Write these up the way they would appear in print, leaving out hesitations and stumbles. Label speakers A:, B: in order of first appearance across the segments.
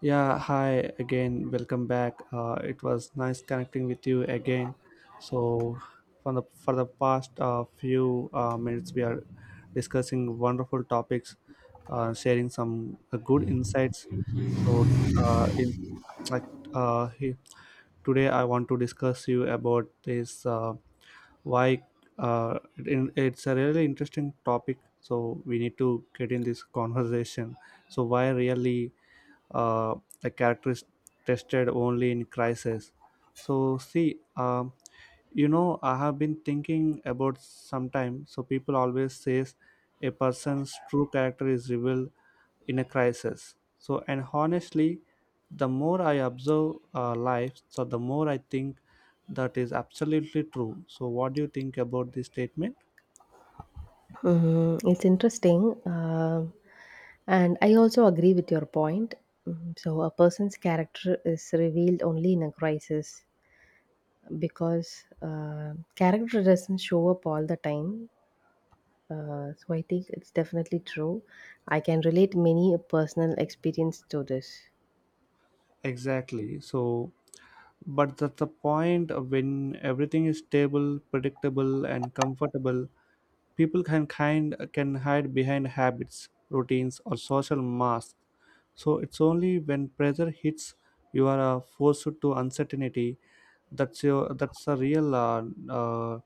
A: Yeah, hi again. Welcome back. It was nice connecting with you again. So, for the past few minutes, we are discussing wonderful topics, sharing some good insights. So, uh, in like uh, he- today, I want to discuss you about this why it's a really interesting topic. So we need to get in this conversation. So why really uh, a character is tested only in crisis. So see, you know, I have been thinking about sometime. So people always says a person's true character is revealed in a crisis. So and honestly, the more I observe life, so the more I think that is absolutely true. So what do you think about this statement?
B: Mhm. It's interesting. And I also agree with your point. So, a person's character is revealed only in a crisis because character doesn't show up all the time. I think it's definitely true. I can relate many personal experience to this.
A: Exactly. So, but that's the point of when everything is stable, predictable, and comfortable. People can kind can hide behind habits, routines, or social masks. So it's only when pressure hits you are forced to uncertainty that's your that's a real uh,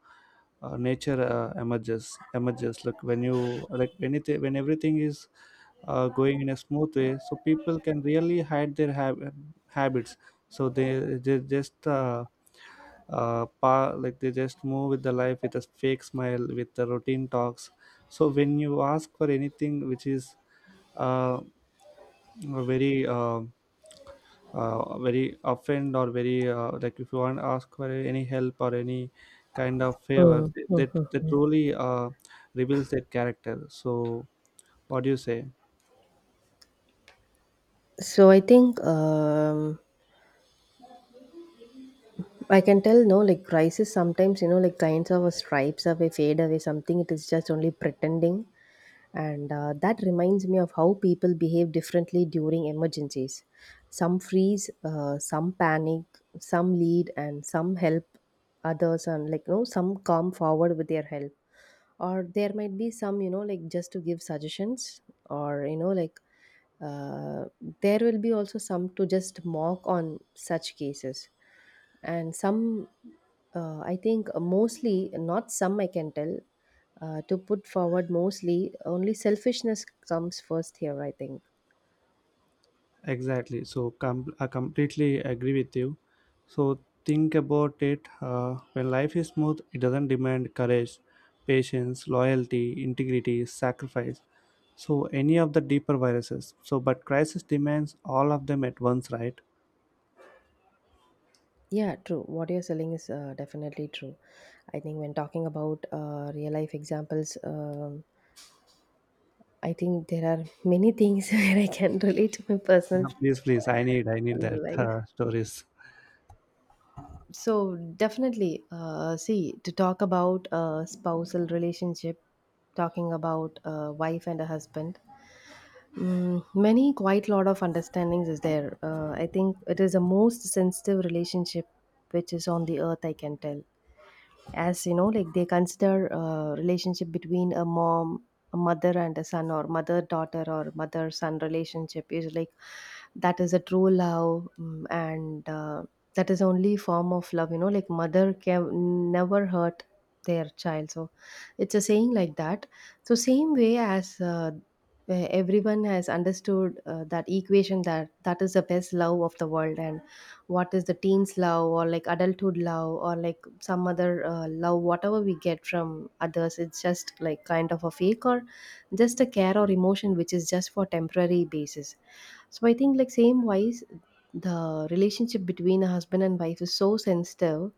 A: nature emerges like when you like anything when everything is going in a smooth way so people can really hide their habits so they they like they just move with the life with a fake smile with the routine talks so when you ask for anything which is uh, very very offend or very like if you want to ask for any help or any kind of favor
B: Mm.
A: that that truly reveals their character so what do you say
B: So, I think. I can tell, no, like crisis sometimes, you know, like kinds of a stripes away, fade away, something. It is just only pretending. And that reminds me of how people behave differently during emergencies. Some freeze, some panic, some lead, and some help others, and like, no, some come forward with their help. Or there might be some, you know, like just to give suggestions, or, you know, uh, there will be also some to just mock on such cases and some I think mostly not some I can tell, to put forward mostly only selfishness comes first here I think.
A: exactly so I completely agree with you so think about it when life is smooth it doesn't demand courage patience loyalty integrity sacrifice so any of the deeper viruses so but crisis demands all of them at once right
B: Yeah, true, what you're selling is definitely true. I think when talking about real life examples, I think there are many things where I can relate to my
A: Yeah,
B: personal
A: please, please. I need that
B: life.
A: stories.
B: So definitely, see, to talk about a spousal relationship, talking about a wife and a husband. Many quite lot of understandings is there. I think it is the most sensitive relationship which is on the earth. I can tell, as you know like they consider a relationship between a mother and a son, or mother daughter or mother son relationship, is like that is a true love, mm, and that is only form of love, you know like mother can never hurt their child. So it's a saying like that. So same way, as everyone has understood that equation, that is the best love of the world, and what is the teens love, or like adulthood love, or like some other love, whatever we get from others, it's just like kind of a fake, or just a care or emotion which is just for temporary basis. So I think like same wise, the relationship between a husband and wife is so sensitive.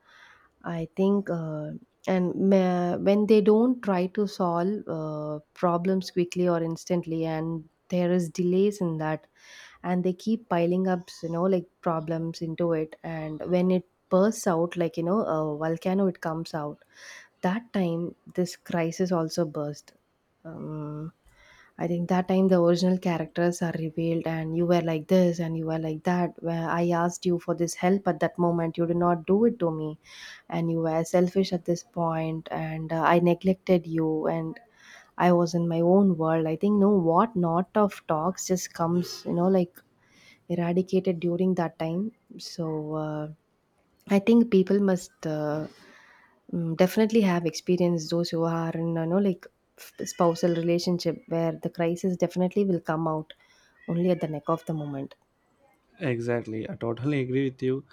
B: I think, when they don't try to solve problems quickly or instantly and there is delays in that, and they keep piling up, you know, like problems into it, and when it bursts out like you know a volcano, it comes out. That time this crisis also burst. um, I think that time the original characters are revealed, and you were like this and you were like that. Where I asked you for this help at that moment, you did not do it to me, and you were selfish at this point, and I neglected you, and I was in my own world. I think no, what not of talks just comes, you know, like eradicated during that time. So, I think people must definitely have experienced those who are in, you know, like f- spousal relationship, where the crisis definitely will come out only at the neck of the moment.
A: Exactly, I totally agree with you.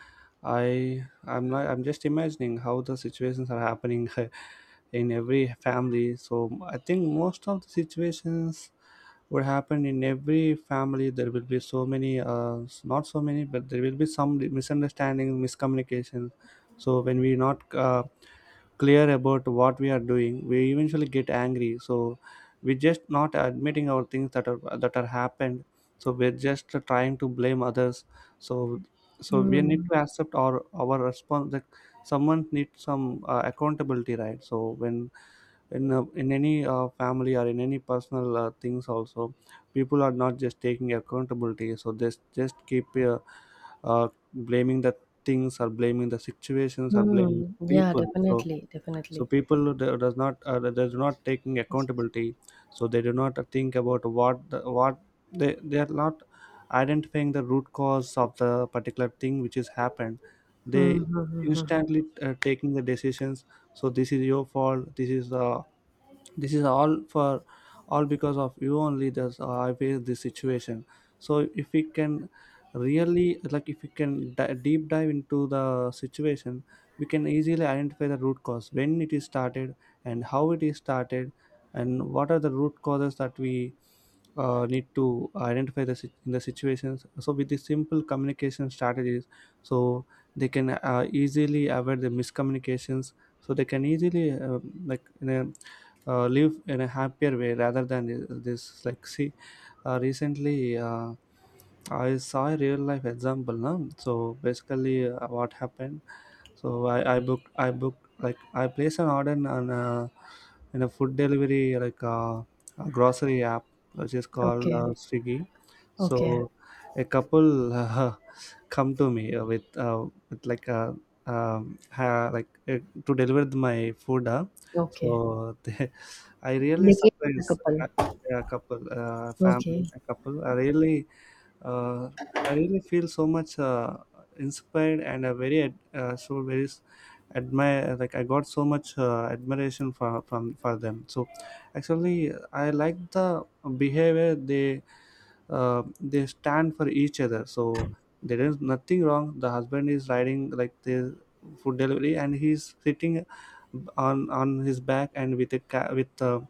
A: I I'm not, I'm just imagining how the situations are happening in every family. So I think most of the situations would happen in every family. There will be so many, not so many, but there will be some misunderstandings, miscommunications. So when we not clear about what we are doing we eventually get angry so we're just not admitting our things that are happened so we're just trying to blame others so so we need
B: Hmm.
A: to accept our response that someone needs some accountability right so when in any family or in any personal things also people are not just taking accountability so they just keep uh, blaming the things or blaming the situations or blaming
B: Hmm.
A: the
B: Yeah,
A: people so
B: definitely,
A: so
B: definitely.
A: people who does not they do not taking
B: Yes.
A: accountability so they do not think about what they are not identifying the root cause of the particular thing which has happened they
B: Hmm. Hmm, hmm, hmm, hmm.
A: instantly taking the decisions so this is your fault this is the this is all for all because of you only that's I face this situation so if we can really like if we can deep dive into the situation we can easily identify the root cause when it is started and how it is started and what are the root causes that we need to identify the in the situations so with these simple communication strategies so they can easily avoid the miscommunications so they can easily like you know, live in a happier way rather than this like see recently I saw a real life example now so basically what happened so I booked like I placed an order in a food delivery like a grocery app which is called
B: Okay.
A: Swiggy.
B: Okay.
A: So a couple come to me with like a ha, like to deliver my food.
B: Okay.
A: So I really
B: They came as a
A: surprised
B: couple.
A: a couple,
B: Okay.
A: a couple. Uh, I really feel so much inspired and a very so very admire like I got so much admiration for from for them. So actually, I like the behavior they stand for each other so there is nothing wrong the husband is riding like the food delivery and he's sitting on his back and with a ca- with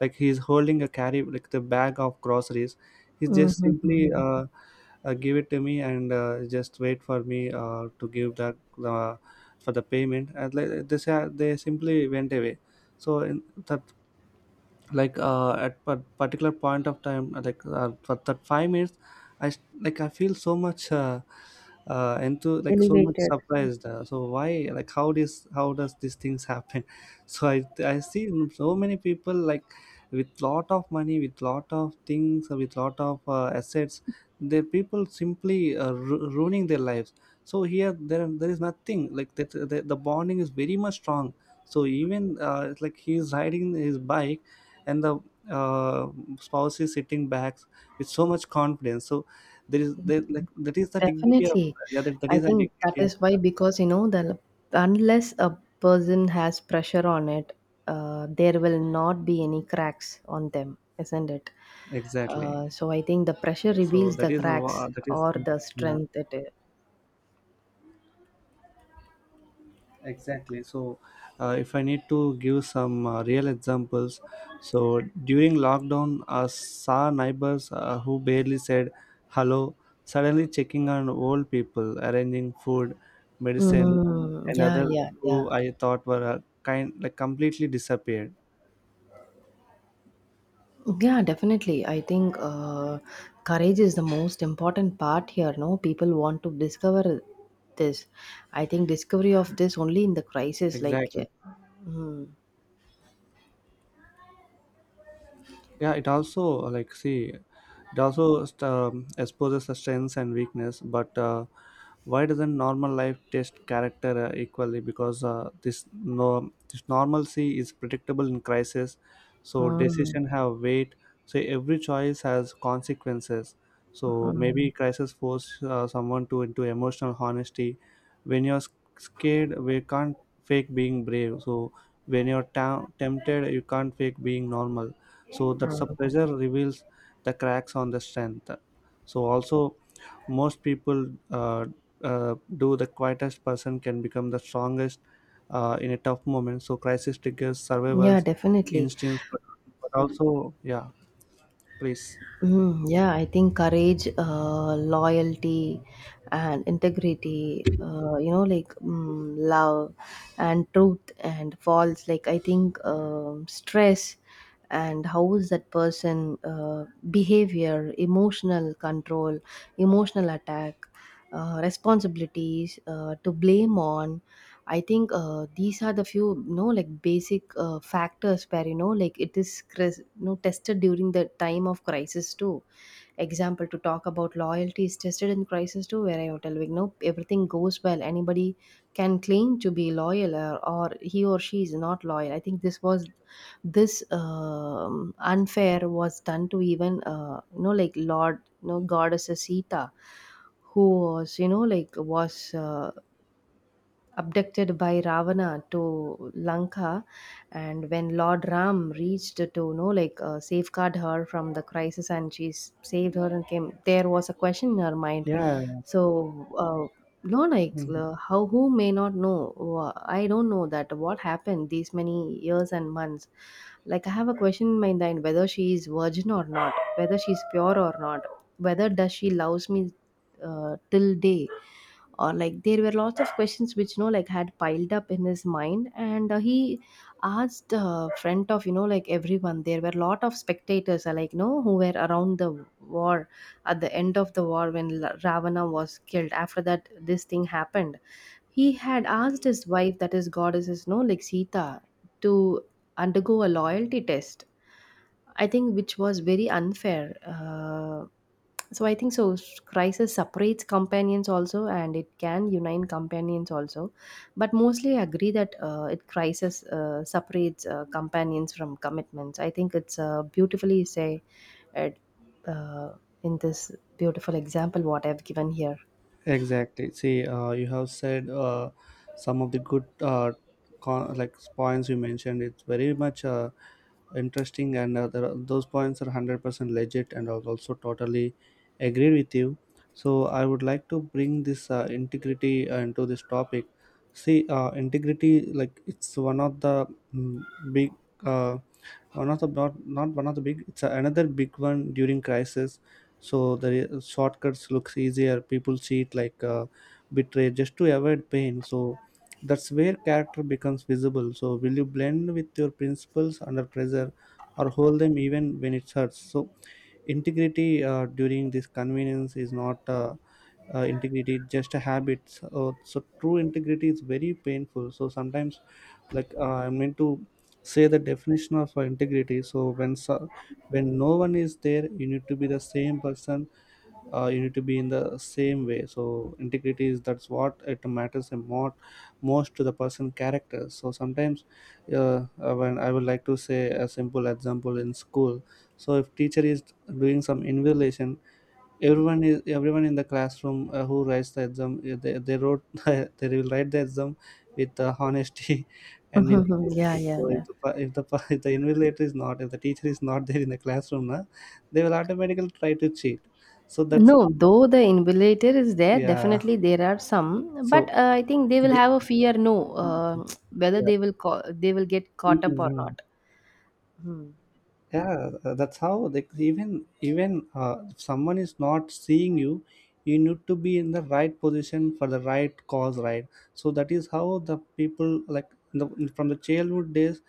A: like he's holding a carry like the bag of groceries he's just simply
B: Mm-hmm.
A: give it to me and just wait for me to give that uh, for the payment and like, they they simply went away so in that like at a particular point of time like for that 5 minutes like I feel so much into like so much
B: Elevated.
A: surprised so why like how this how does these things happen so i see so many people like with lot of money with lot of things with lot of assets the people simply ruining their lives so here there there is nothing like that the bonding is very much strong so even it's like he's riding his bike and the uh, spouse is sitting back with so much confidence so like that is the dignity of
B: Definitely.
A: yeah that
B: I
A: is the
B: think that
A: dignity of
B: is why, because you know, the unless a person has pressure on it, there will not be any cracks on them, isn't it?
A: exactly
B: So I think the pressure
A: so
B: reveals
A: that
B: the
A: is a
B: cracks,
A: that is
B: or the
A: yeah
B: strength it is.
A: Exactly. So, if I need to give some real examples, so during lockdown, I saw neighbors who barely said hello, suddenly checking on old people, arranging food, medicine,
B: Mm,
A: and
B: yeah,
A: other
B: yeah, yeah.
A: who I thought were kind like completely disappeared.
B: Yeah, definitely. I think courage is the most important part here. No, people want to discover this. I think discovery of this only in the crisis, like.
A: Exactly.
B: Mm.
A: Yeah. It also like see, it also exposes the strengths and weakness, but. Why doesn't normal life test character equally because this no this normalcy is predictable in crisis so
B: Hmm,
A: decision have weight so every choice has consequences so maybe
B: mhm.
A: crisis force someone to into emotional honesty when you're scared we can't fake being brave so when you're tempted you can't fake being normal so that's a pressure reveals the cracks on the strength so also most people do the quietest person can become the strongest in a tough moment so crisis triggers
B: Yeah,
A: survivals,
B: definitely.
A: instincts but also yeah please
B: Mm, yeah, I think courage, loyalty, and integrity, you know, like love and truth and false. Like, I think stress, and how is that person behavior, emotional control, emotional attack, responsibilities to blame on. I think these are the few you know like basic factors where you know like it is cris- you know tested during the time of crisis too. Example to talk about, loyalty is tested in crisis too, where I would tell like no, everything goes well anybody can claim to be loyal, or he or she is not loyal. I think this was this unfair was done to even you know like lord you know goddess Sita, who was you know like was abducted by Ravana to Lanka, and when Lord Ram reached to you know like safeguard her from the crisis, and she s- saved her and came, there was a question in her mind.
A: yeah
B: So, uh, no, how who may not know? Wha- I don't know that what happened these many years and months. Like I have a question in my mind, whether she is virgin or not, whether she is pure or not, whether does she loves me till day, or like there were lots of questions which you know like had piled up in his mind, and he asked front of you know like everyone, there were a lot of spectators, like no who were around the war, at the end of the war when L- Ravana was killed. After that this thing happened, he had asked his wife, that his goddess no like Sita, to undergo a loyalty test. I think which was very unfair. So I think so s- crisis separates companions also, and it can unite companions also, but mostly I agree that it crisis separates companions from commitments. I think it's beautifully say it uh, in this beautiful example what I've given here.
A: Exactly. See, you have said some of the good like points you mentioned. It's very much interesting, and there are, those points are 100% legit, and I would also totally agree with you. So I would like to bring this integrity into this topic. See, integrity like it's one of the mm, big uh, or not, not not one of the big it's another big one during crisis so the shortcuts looks easier people see it like betray just to avoid pain so that's where character becomes visible so will you blend with your principles under pressure or hold them even when it hurts so integrity during this convenience is not integrity it's just a habit so, so true integrity is very painful so sometimes like I meant to say the definition of integrity so, when no one is there you need to be the same person you need to be in the same way so integrity is that's what it matters and more most to the person character so sometimes when I would like to say a simple example in school so if teacher is doing some evaluation everyone in the classroom who writes the exam they wrote they will write the exam with honesty and
B: Mhm. Yeah,
A: integrity
B: yeah,
A: so if
B: yeah.
A: if the invigilator is not if the teacher is not there in the classroom na, they will automatically try to cheat so that's
B: No, though the invigilator is there
A: yeah.
B: definitely there are some, but
A: So
B: I think they will
A: they,
B: have a fear, no, uh, whether
A: yeah.
B: they will co- they will get caught up or
A: Mhm.
B: not. Hmm.
A: Yeah, that's how they even even if someone is not seeing you, you need to be in the right position for the right cause, right? So that is how the people like in the, from the childhood days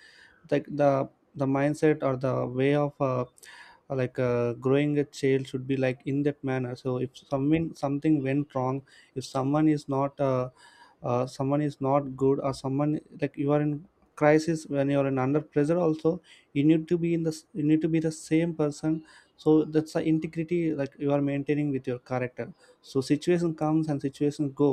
A: like the the mindset or the way of growing a child should be like in that manner. So if someone something went wrong, if someone is not someone is not good, or someone like you are in crisis, when you are in under pressure also, you need to be in the you need to be the same person. So that's the integrity, like you are maintaining with your character. So situation comes and situation go,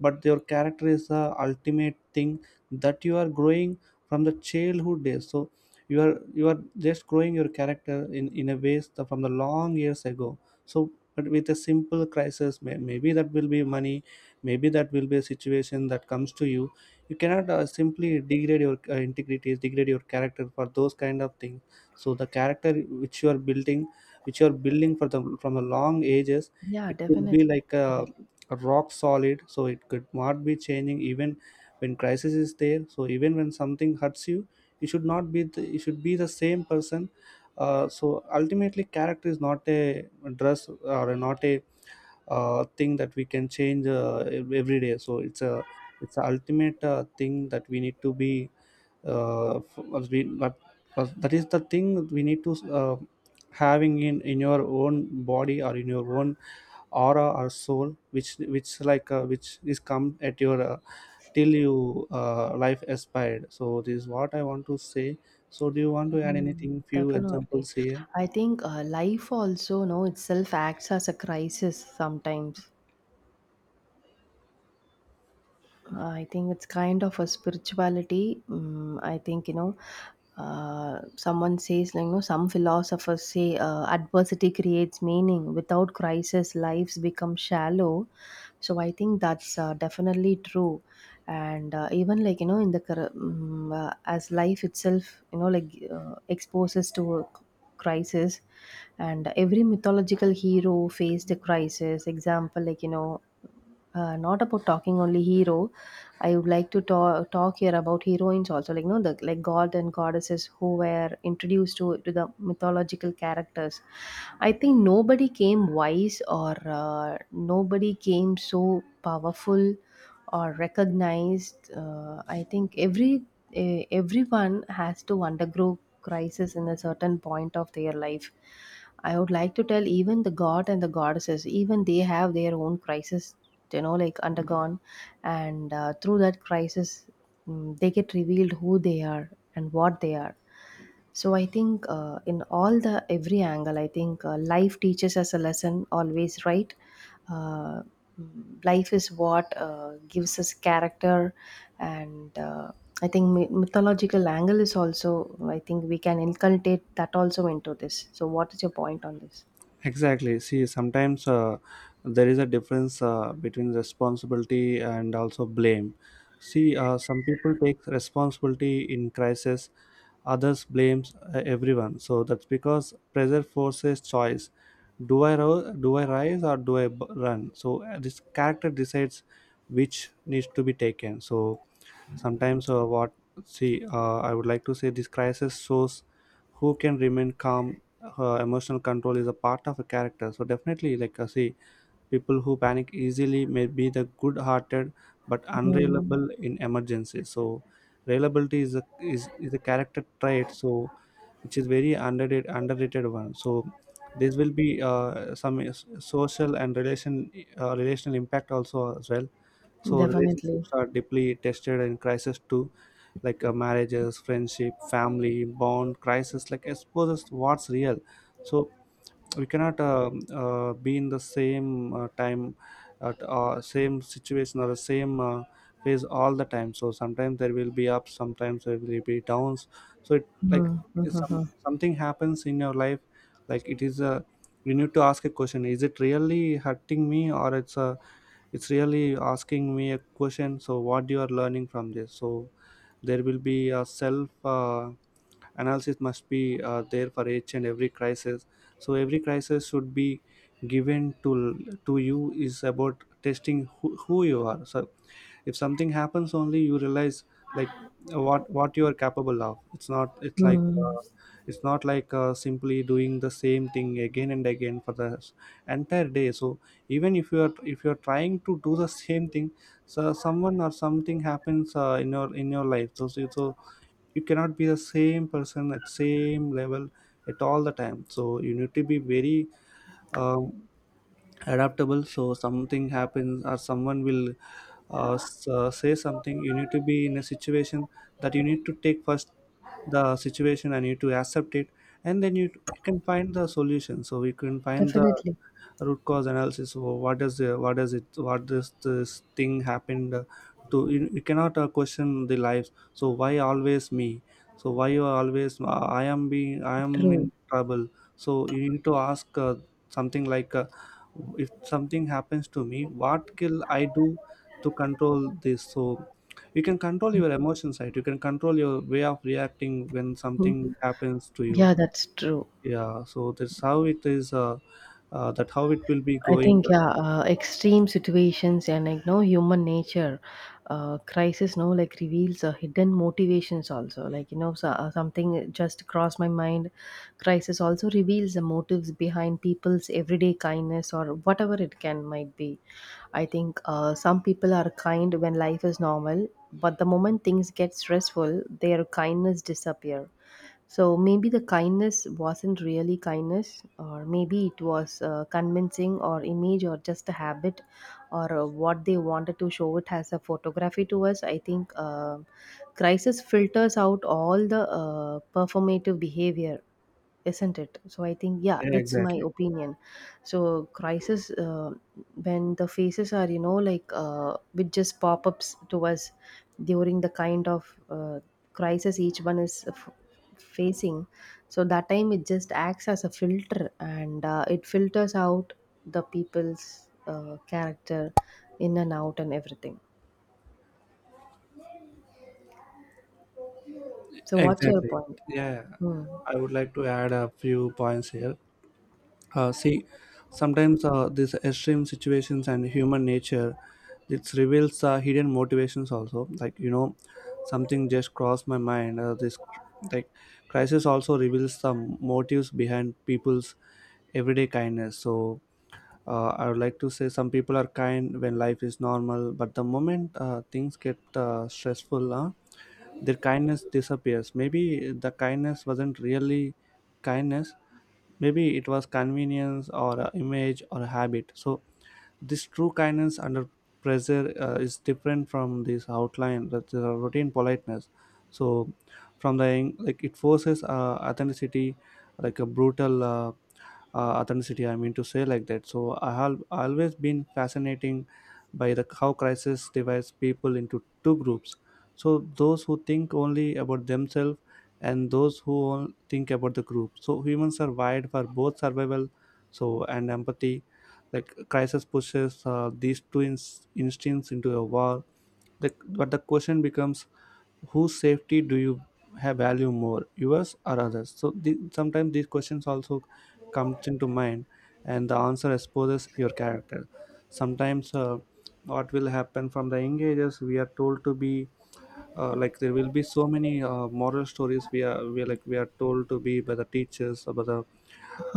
A: but your character is the ultimate thing that you are growing from the childhood days. So you are you are just growing your character in a ways the, from the long years ago. So but with a simple crisis maybe that will be money, maybe that will be a situation that comes to you. You cannot simply degrade your integrity, degrade your character for those kind of things. So the character which you are building which you are building for the from a long ages,
B: Yeah,
A: it could be
B: definitely,
A: like
B: definitely.
A: a rock solid, so it could not be changing even when crisis is there. So even when something hurts you, you should not be the, you should be the same person. So ultimately character is not a dress or not a thing that we can change every day. So it's a ultimate thing that we need to be as we, that that is the thing that we need to having in your own body or in your own aura or soul which like which is come at your till you life aspired. So this is what I want to say. So do you want to add
B: Mm,
A: anything, few
B: definitely.
A: examples here?
B: I think life also, no, itself acts as a crisis sometimes. I think it's kind of a spirituality. Mm, I think, you know, someone says, like, you know, some philosophers say adversity creates meaning. Without crisis, lives become shallow. So I think that's definitely true. And even like, you know, in the, cur- mm as life itself, you know, like exposes to a c- crisis, and every mythological hero faced a crisis. Example, like, you know, not about talking only hero, I would like to talk here about heroines also, like you know, the like god and goddesses who were introduced to the mythological characters. I think nobody came wise, or nobody came so powerful or recognized. I think every eh, everyone has to undergo crisis in a certain point of their life. I would like to tell even the god and the goddesses even they have their own crisis, you know like undergone, and through that crisis, they get revealed who they are and what they are. So I think in all the every angle, I think life teaches us a lesson always, right? Uh, life is what gives us character, and I think my- mythological angle is also. I think we can inculcate that also into this. So what is your point on this?
A: Exactly. See, sometimes there is a difference between responsibility and also blame. See, some people take responsibility in crisis, others blames everyone. So that's because pressure forces choice. Do I rise or do I run? So this character decides which needs to be taken. So sometimes what, see, I would like to say this crisis shows who can remain calm. Emotional control is a part of a character. So definitely, like see, people who panic easily may be the good hearted but
B: Mm,
A: unreliable in emergency. So reliability is a is a character trait, so which is very underrated one. So this will be some social and relation relational impact also as well. So
B: definitely.
A: relationships are deeply tested in crisis too, like marriages, friendship, family bond. Crisis like exposes what's real. So we cannot be in the same time at same situation or the same phase all the time. So sometimes there will be ups, sometimes there will be downs. So it
B: Mm,
A: like
B: mm,
A: it's
B: mm,
A: some
B: mm.
A: something happens in your life, like it is a, you need to ask a question: is it really hurting me or it's really asking me a question? So what you are learning from this? So there will be a self analysis must be there for each and every crisis. So every crisis should be given to you is about testing who you are. So if something happens, only you realize like what you are capable of. It's not, it's like
B: Mm.
A: it's not like simply doing the same thing again and again for the entire day. So even if you are, if you are trying to do the same thing, so someone or something happens in your life, so, so you cannot be the same person at same level at all the time. So you need to be very um, adaptable. So something happens or someone will say something, you need to be in a situation that you need to take first the situation and you need to accept it, and then you can find the solution. So you can find the
B: Definitely.
A: root cause analysis. So what is the, what is it, what this thing happened to you? You cannot question the lives, so why always me? So why you are always I am being, I am
B: True.
A: in trouble. So you need to ask something like if something happens to me what can I do to control this? So you can control your emotion side, you can control your way of reacting when something happens to you.
B: Yeah, that's true.
A: Yeah, so that's how it is that how it will be
B: I
A: going.
B: think yeah, extreme situations and like no human nature, crisis no like reveals hidden motivations also. Like you know so, something just crossed my mind. Crisis also reveals the motives behind people's everyday kindness or whatever it can might be. I think some people are kind when life is normal, but the moment things get stressful, their kindness disappear. So maybe the kindness wasn't really kindness, or maybe it was convincing, or image, or just a habit, or what they wanted to show it as a photography to us. I think crisis filters out all the performative behavior, isn't it? So I think yeah,
A: Yeah,
B: that's my
A: exactly.
B: opinion. So crisis, when the faces are you know with just pop-ups to us during the kind of crisis each one is f- facing, so that time it just acts as a filter, and it filters out the people's character, in and out and everything. So what's your
A: Exactly.
B: point?
A: Yeah,
B: Hmm.
A: I would like to add a few points here. See, sometimes these extreme situations and human nature, it reveals hidden motivations also, like you know, something just crossed my mind. This cr- like Crisis also reveals some motives behind people's everyday kindness. So I would like to say some people are kind when life is normal, but the moment things get stressful, their kindness disappears. Maybe the kindness wasn't really kindness, maybe it was convenience or a image or a habit. So this true kindness under pressure is different from this outline that the routine politeness. So like it forces authenticity, like a brutal authenticity, I mean to say like that. So I have always been fascinating by the how crisis divides people into two groups. So those who think only about themselves and those who think about the group. So humans are wired for both survival so and empathy. Like crisis pushes these two instincts into a war. But the question becomes, whose safety do you have value more, yours or others? So the, sometimes these questions also comes into mind, and the answer exposes your character. Sometimes what will happen, from the young ages we are told to be like there will be so many moral stories, we are told to be by the teachers or by the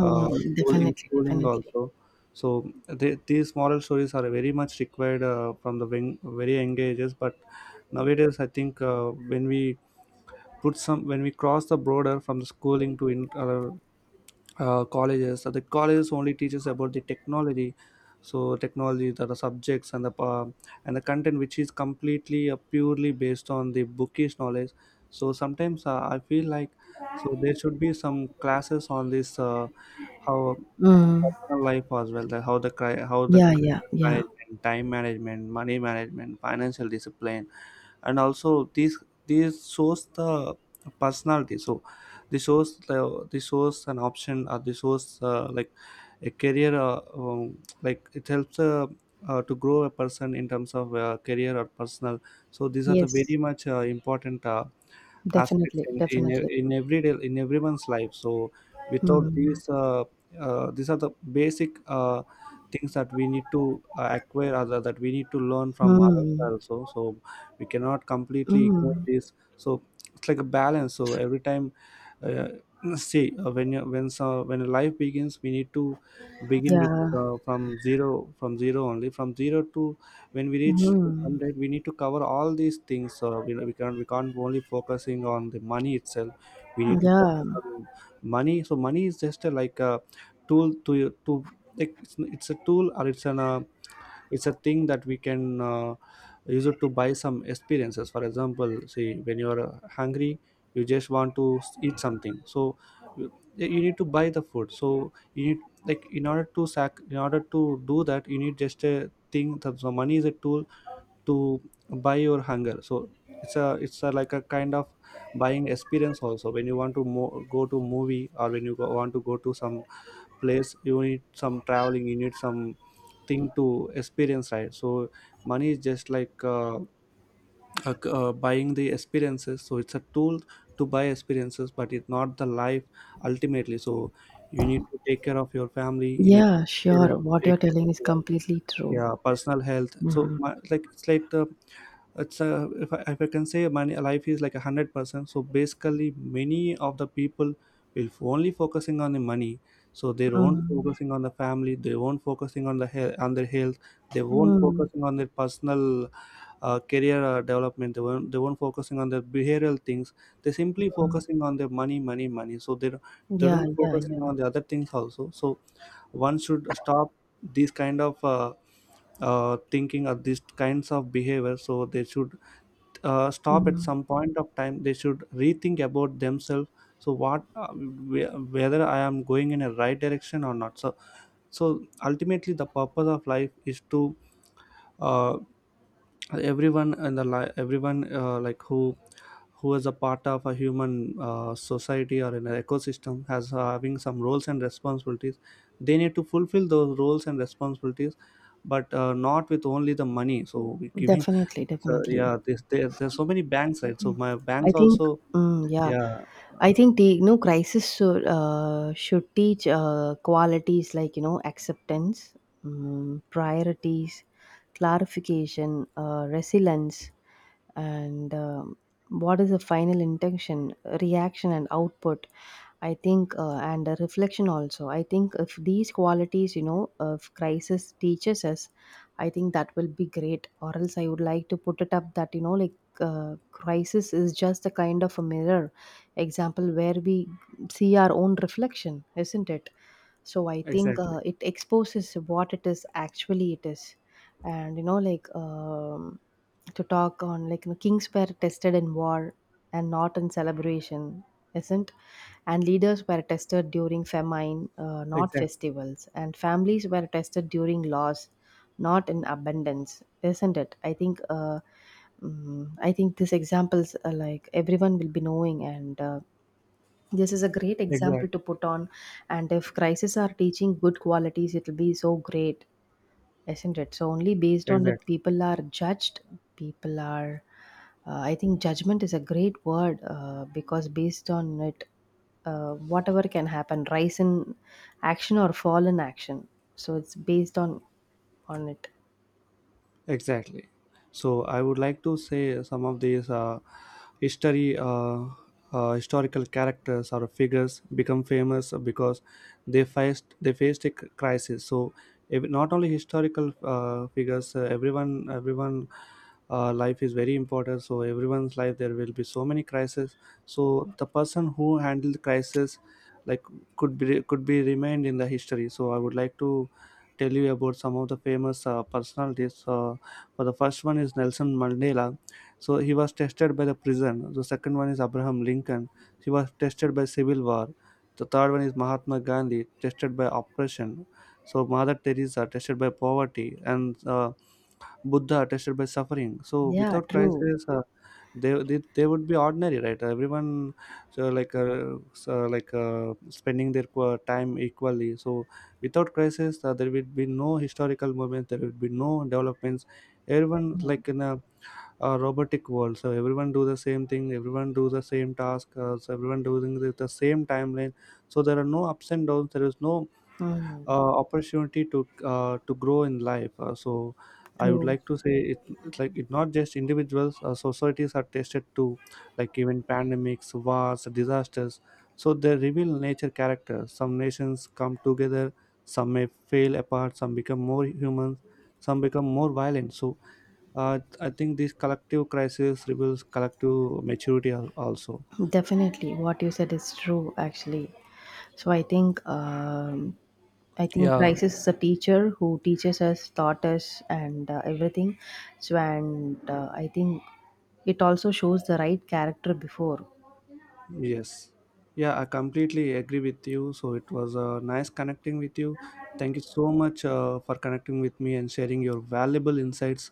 A: school in
B: definitely,
A: schooling
B: definitely.
A: also. So they, these moral stories are very much required from the very, very young ages. But nowadays, I think when we put some when we cross the border from the schooling to colleges. So the colleges only teaches about the technology, so technology that the subjects and the and the content which is completely purely based on the bookish knowledge. So sometimes I feel like so there should be some classes on this how
B: Hmm.
A: personal life as well, that how the how the
B: Yeah, yeah,
A: crisis
B: yeah.
A: management, time management, money management, financial discipline, and also these shows the personality. So the source the source an option or the source like a career like it helps to grow a person in terms of career or personal. So these are the very
B: Yes,
A: much important aspects
B: definitely, definitely.
A: in everyday in everyone's life. So without
B: Hmm.
A: these these are the basic things that we need to acquire, other that we need to learn from others
B: Hmm.
A: also. So we cannot completely ignore
B: Mm.
A: this. So it's like a balance. So every time uh, see when you when, so when life begins we need to begin with
B: Yeah.
A: from zero, from zero only from zero to when we reach to
B: Hmm.
A: 100, we need to cover all these things. You know, we can't, we can't only focusing on the money itself. We need to focus
B: Yeah.
A: on money. So money is just like a tool to like it's a tool or it's an it's a thing that we can use it to buy some experiences. For example, see when you're hungry you just want to eat something. So you you need to buy the food. So you need like in order to do that you need just a thing that the money is a tool to buy your hunger. So it's a, like a kind of buying experience also. When you want to go to movie or when you want to go to some place, you need some traveling, you need some thing to experience, right? So money is just like buying the experiences. So it's a tool to buy experiences, but it's not the life ultimately. So you need to take care of your family, you need
B: Yeah,
A: to
B: sure. What you're
A: take care of
B: telling is
A: your
B: completely true.
A: yeah personal health. So
B: Mm,
A: like it's like the, it's a, if I can say money life is like 100%. So basically many of the people will only focusing on the money. So they won't
B: mm,
A: focusing on the family, they won't focusing on the health on their health, they won't
B: mm.
A: focusing on their personal career development. They won't, they won't focusing on their behavioral things, they simply focusing on their money, money, money. So they don't, they
B: Yeah,
A: don't
B: yeah, yeah.
A: focusing on the other things also. So one should stop these kind of thinking or these kinds of behavior. So they should stop at some point of time, they should rethink about themselves. So what whether I am going in a right direction or not. So so ultimately the purpose of life is to uh, everyone in the everyone like who is a part of a human society or in an ecosystem has having some roles and responsibilities. They need to fulfill those roles and responsibilities, but not with only the money. So we giving,
B: Definitely,
A: so
B: definitely.
A: yeah, this there there's so many banks, right? So my
B: I
A: banks
B: think,
A: also
B: mm, yeah,
A: yeah,
B: I think the you know crisis should teach qualities like you know acceptance, priorities, clarification, resilience, and what is the final intention, reaction, and output. I think, and a reflection also. I think if these qualities, you know, if crisis teaches us, I think that will be great. Or else, I would like to put it up that you know, like crisis is just a kind of a mirror example, where we see our own reflection, isn't it? So I think
A: exactly.
B: it exposes what it is actually it is. And you know like to talk on like you know, kings were tested in war and not in celebration, isn't, and leaders were tested during famine, not
A: Exactly.
B: festivals, and families were tested during loss, not in abundance, isn't it? I think I think these examples are like everyone will be knowing, and this is a great example to
A: Exactly.
B: put on, and if crises are teaching good qualities, it'll be so great, isn't it? So, only based on that,
A: Exactly.
B: people are judged. People are, I think, judgment is a great word because based on it, whatever can happen, rise in action or fall in action. So, it's based on it.
A: Exactly. So I would like to say some of these history, uh, historical characters or figures become famous because they faced a crisis. So if, not only historical figures, everyone life is very important. So everyone's life there will be so many crises. So the person who handled the crisis like could be remained in the history. So I would like to tell you about some of the famous personalities. For the first one is Nelson Mandela, so he was tested by the prison. The second one is Abraham Lincoln, he was tested by civil war. The third one is Mahatma Gandhi, tested by oppression. So Mother Teresa tested by poverty, and Buddha tested by suffering. So
B: Yeah,
A: without
B: true.
A: crisis, they would be ordinary, right, everyone? So like spending their time equally. So without crisis there would be no historical movement, there would be no developments. Everyone like
B: Mm.
A: in a robotic world, so everyone do the same thing, everyone do the same task, so everyone doing the same timeline. So there are no ups and downs, there is no
B: Mm.
A: opportunity to grow in life. So I would
B: True.
A: like to say it's like it not just individuals, societies are tested too, like even pandemics, wars, disasters. So they reveal nature character. Some nations come together, some may fail apart, some become more human, some become more violent. So I think this collective crisis reveals collective maturity also.
B: Definitely, what you said is true. Actually, so I think
A: Yeah.
B: crisis is a teacher who teaches us, taught us, and everything. So, and I think it also shows the right character before.
A: Yes. Yeah, I completely agree with you. So it was nice connecting with you. Thank you so much for connecting with me and sharing your valuable insights.